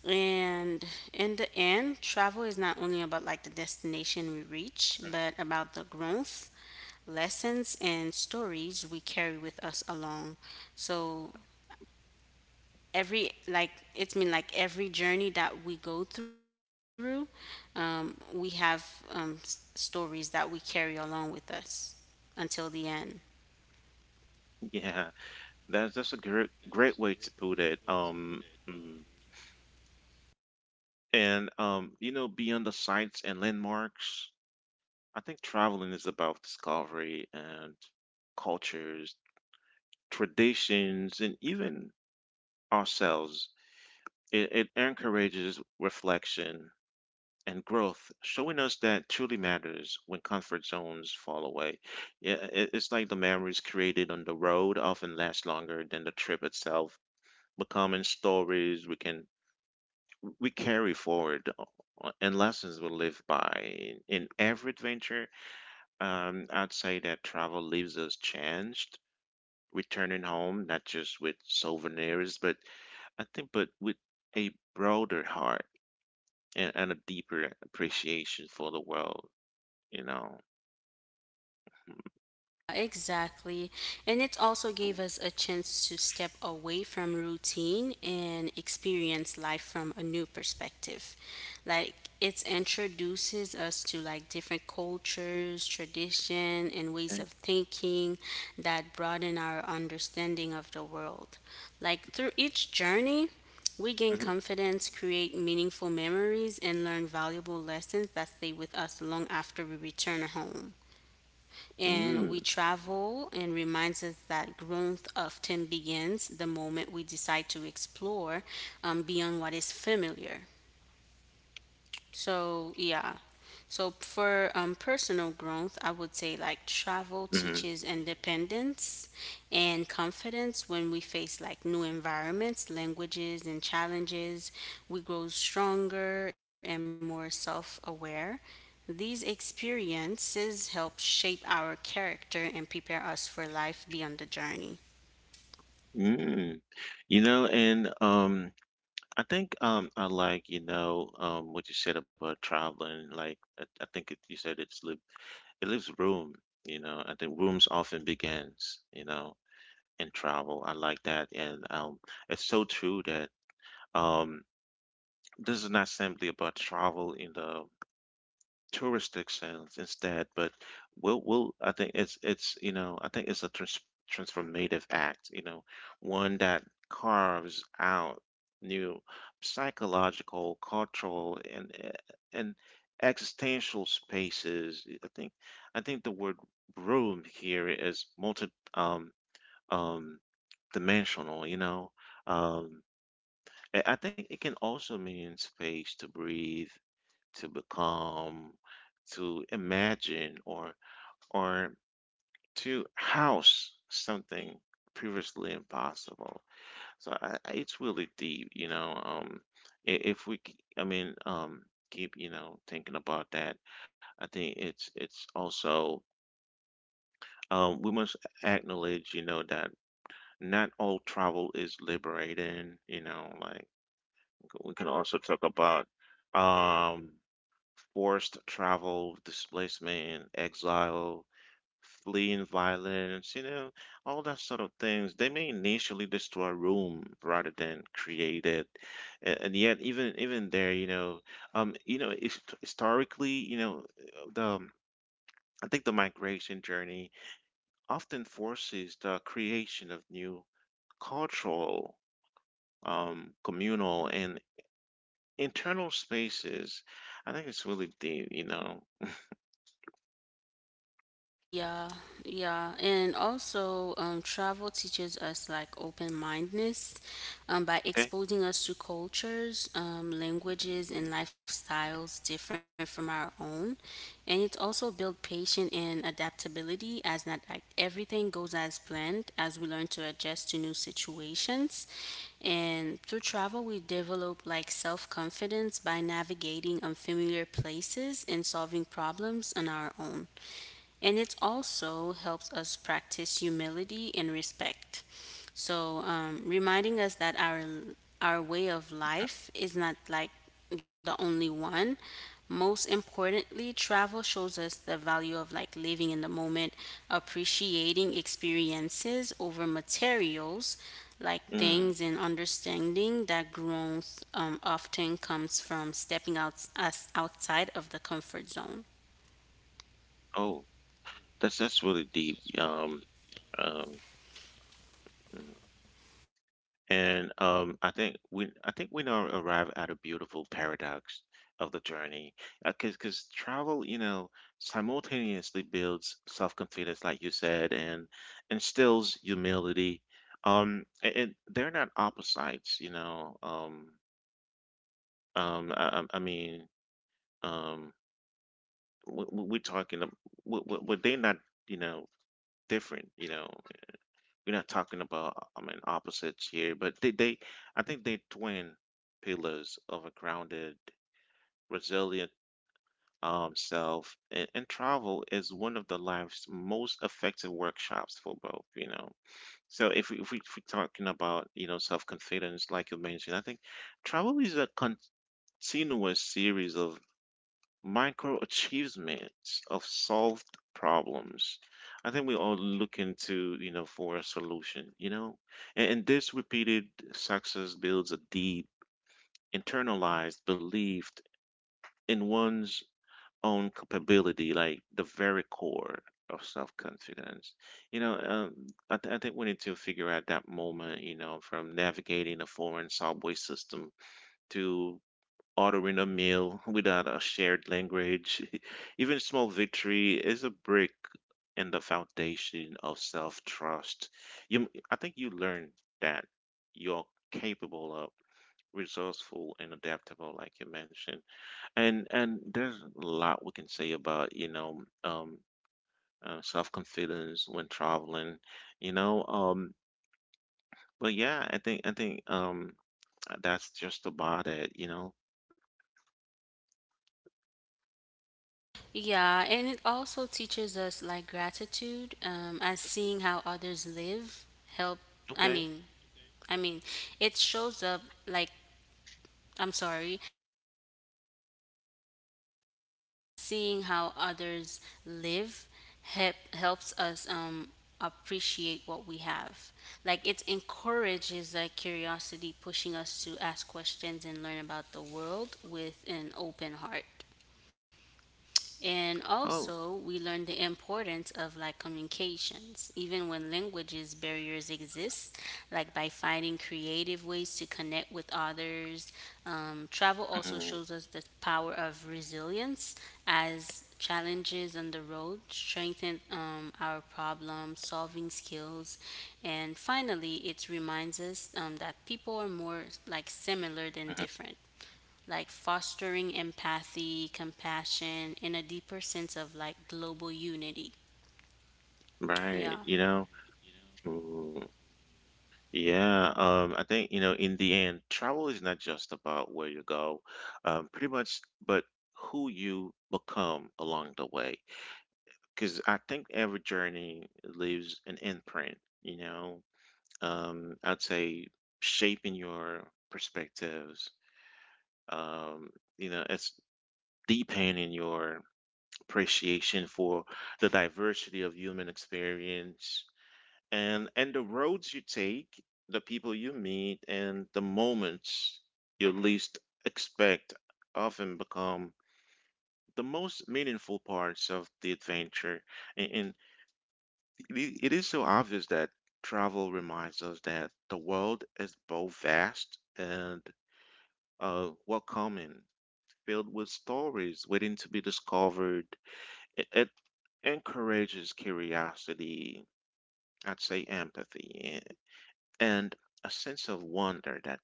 [SPEAKER 2] And in the end, travel is not only about like the destination we reach, but about the growth, lessons, and stories we carry with us along. So every, like, it's mean, like every journey that we go through, um, we have um, s- stories that we carry along with us until the end.
[SPEAKER 1] Yeah, that's that's a great great way to put it. Um, mm, and um, you know, beyond the sights and landmarks, I think traveling is about discovery and cultures, traditions, and even ourselves. It, it encourages reflection and growth, showing us that truly matters when comfort zones fall away. Yeah, it- it's like the memories created on the road often last longer than the trip itself, becoming stories we can we carry forward uh, uh, and lessons we live by in every adventure. Um, I'd say that travel leaves us changed, returning home not just with souvenirs, but I think but with a broader heart and, and a deeper appreciation for the world. You know.
[SPEAKER 2] Exactly. And it also gave us a chance to step away from routine and experience life from a new perspective. Like it introduces us to like different cultures, tradition and ways
[SPEAKER 1] Okay.
[SPEAKER 2] of thinking that broaden our understanding of the world. Like through each journey, we gain
[SPEAKER 1] Mhm.
[SPEAKER 2] confidence, create meaningful memories, and learn valuable lessons that stay with us long after we return home and we
[SPEAKER 1] Mm,
[SPEAKER 2] travel and reminds us that growth often begins the moment we decide to explore um, beyond what is familiar. So, yeah. So, for um, personal growth, I would say like travel
[SPEAKER 1] mhm,
[SPEAKER 2] teaches independence and confidence when we face like new environments, languages, and challenges. We grow stronger and more self aware. These experiences help shape our character and prepare us for life beyond the journey.
[SPEAKER 1] mm. You know, and um, I think um, I like you know um what you said about traveling. Like I, I think it, you said it's li it leaves room. You know, I think rooms often begins. You know, in travel, I like that, and um, it's so true that um, this is not simply about travel in the touristic sense instead, but we'll we'll I think it's it's you know I think it's a trans transformative act, you know, one that carves out new psychological, cultural, and e- and existential spaces. I think I think the word room here is multi um um dimensional, you know. Um, I I think it can also mean space to breathe, to become to imagine or or to house something previously impossible. So I, I- it's really deep, you know. Um I- if we k- I mean um Keep, you know, thinking about that. I think it's it's also um we must acknowledge, you know, that not all travel is liberating, you know. Like we can also talk about um forced travel, displacement, exile, fleeing violence, you know, all that sort of things. They may initially destroy Rome rather than create it. And, and yet, even even there, you know, um, you know, his- historically, you know, the I think the migration journey often forces the creation of new cultural, um, communal, and internal spaces. I think it's really deep, you know.
[SPEAKER 2] Yeah, yeah, and also um, travel teaches us like open-mindedness um, by
[SPEAKER 1] Okay.
[SPEAKER 2] exposing us to cultures, um, languages, and lifestyles different from our own, and it also builds patience and adaptability as not like everything goes as planned as we learn to adjust to new situations, and through travel we develop like self-confidence by navigating unfamiliar places and solving problems on our own and it also helps us practice humility and respect. So, um, reminding us that our our way of life is not like the only one. Most importantly, travel shows us the value of like living in the moment, appreciating experiences over materials, like
[SPEAKER 1] Mm.
[SPEAKER 2] things and understanding that growth um, often comes from stepping out us outside of the comfort zone.
[SPEAKER 1] Oh. That's that's really deep. Um, um, mm. And um, I think we I think we now arrive at a beautiful paradox of the journey, because because travel, you know, simultaneously builds self confidence, like you said, and instills humility. Um, a- and they're not opposites, you know. Um, um, I, I I mean, um, we, we- we're talking, ab- we, we, we're they're not, you know, different, you know. We're not talking about uh, I mean opposites here, but they, they I think they twin pillars of a grounded, resilient um self, and, and travel is one of the life's most effective workshops for both, you know. So if we if we if we're talking about, you know, self confidence like you mentioned, I think travel is a continuous series of micro achievements of solved problems. I think we all looking to, you know, for a solution, you know? And, and this repeated success builds a deep, internalized belief in one's own capability, like the very core of self confidence. You know, um, I, th- I think we need to figure out that moment, you know, from navigating a foreign subway system to ordering a meal without a shared language. Even small victory is a brick in the foundation of self trust. You, I think you learn that you're capable of resourceful and adaptable, like you mentioned. And and there's a lot we can say about, you know, um uh, self-confidence when traveling, you know um but yeah. I think i think um that's just about it, you know.
[SPEAKER 2] Yeah, and it also teaches us like gratitude, um, as seeing how others live help. I
[SPEAKER 1] Okay.
[SPEAKER 2] mean, I mean, it shows up, like, I'm sorry, seeing how others live help helps us um appreciate what we have. Like it encourages like curiosity, pushing us to ask questions and learn about the world with an open heart. And also,
[SPEAKER 1] Oh.
[SPEAKER 2] we learn the importance of like communications, even when languages barriers exist, like by finding creative ways to connect with others. Um, travel also
[SPEAKER 1] Mhm,
[SPEAKER 2] shows us the power of resilience as challenges on the road strengthen um, our problem solving skills. And finally, it reminds us um, that people are more like similar than
[SPEAKER 1] mhm.
[SPEAKER 2] different, like fostering empathy, compassion, and a deeper sense of like global unity.
[SPEAKER 1] Right,
[SPEAKER 2] Yeah.
[SPEAKER 1] you know? Ooh, yeah, um, I think, you know, in the end, travel is not just about where you go, um, pretty much, but who you become along the way. Because I think every journey leaves an imprint, you know? Um, I'd say shaping your perspectives, um, you know, it's deepening your appreciation for the diversity of human experience. And and the roads you take, the people you meet, and the moments you least expect often become the most meaningful parts of the adventure. And and it it is so obvious that travel reminds us that the world is both vast and uh, welcoming, filled with stories waiting to be discovered. It, it encourages curiosity, I'd say empathy, and a sense of wonder that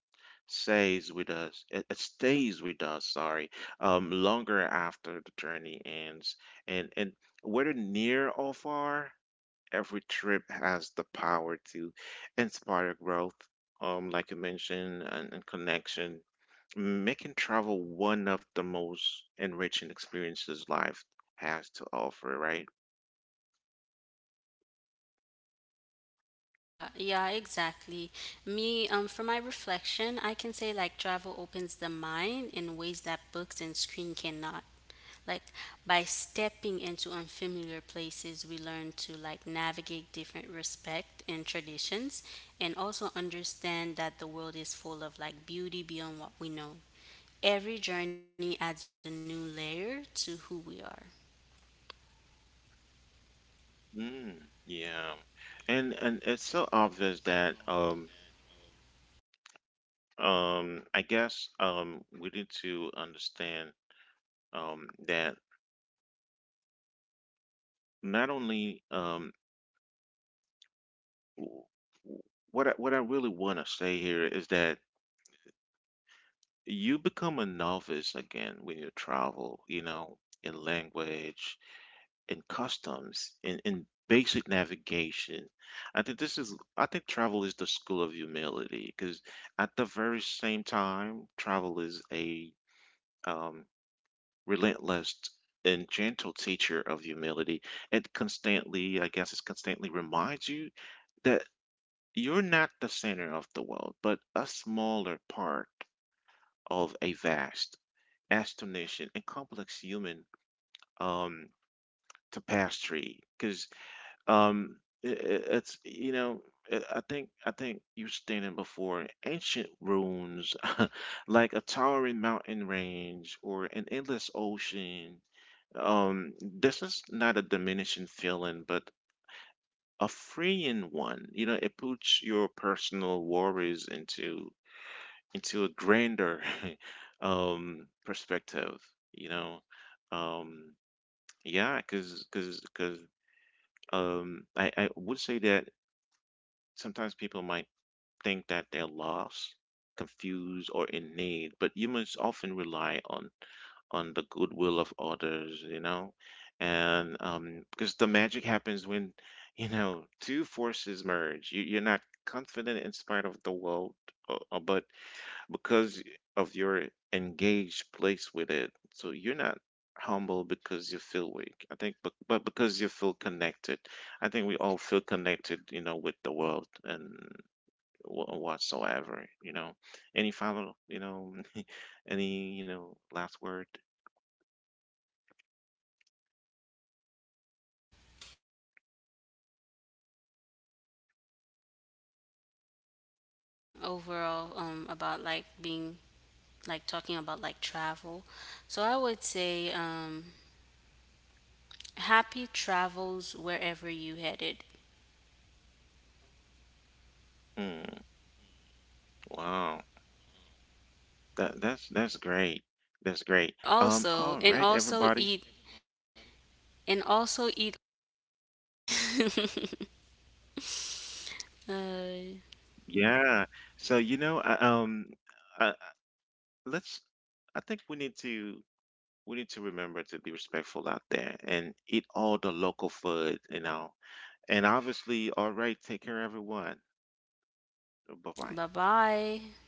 [SPEAKER 1] stays with us. it, it stays with us, sorry, um longer after the journey ends. And and whether near or far, every trip has the power to inspire growth, um like you mentioned, and and connection, making travel one of the most enriching experiences life has to offer, right?
[SPEAKER 2] Uh, yeah, exactly. Me, um, for my reflection, I can say like travel opens the mind in ways that books and screen cannot. Like by stepping into unfamiliar places, we learn to like navigate different respect and traditions, and also understand that the world is full of like beauty beyond what we know. Every journey adds a new layer to who we are.
[SPEAKER 1] Mm, yeah. And and it's so obvious that um Um, I guess um, we need to understand um, that not only um, w- w- what I, what I really want to say here is that you become a novice again when you travel, you know, in language, in customs, in, in basic navigation. I think this is, I think travel is the school of humility, because at the very same time, travel is a um, relentless and gentle teacher of humility. It constantly i guess it constantly reminds you that you're not the center of the world, but a smaller part of a vast, astonishing, and complex human um tapestry. Because um i i- it's, you know, i I think i think you're standing before ancient ruins like a towering mountain range or an endless ocean. um this is not a diminishing feeling but a freeing one, you know. It puts your personal worries into into a grander um perspective, you know. um yeah because because because um i I would say that sometimes people might think that they're lost, confused, or in need, but humans often rely on on the goodwill of others, you know. And um, because the magic happens when, you know, two forces merge. You, you're not confident in spite of the world, uh, uh, but because of your engaged place with it. So you're not humble because you feel weak, I think, but but because you feel connected. I think we all feel connected, you know, with the world and wh- whatsoever, you know. Any final, you know, any, you know, last word?
[SPEAKER 2] Overall, um, about like being, like talking about like travel. So I would say um, happy travels wherever you headed.
[SPEAKER 1] Hmm. Wow. That that's that's great. That's great. Um, all right,
[SPEAKER 2] Also, and
[SPEAKER 1] everybody.
[SPEAKER 2] also eat and also eat. Uh,
[SPEAKER 1] Yeah. So you know, I, um, I, let's. I think we need to We need to remember to be respectful out there and eat all the local food, you know. And obviously, all right, take care, everyone. Bye bye.
[SPEAKER 2] Bye bye.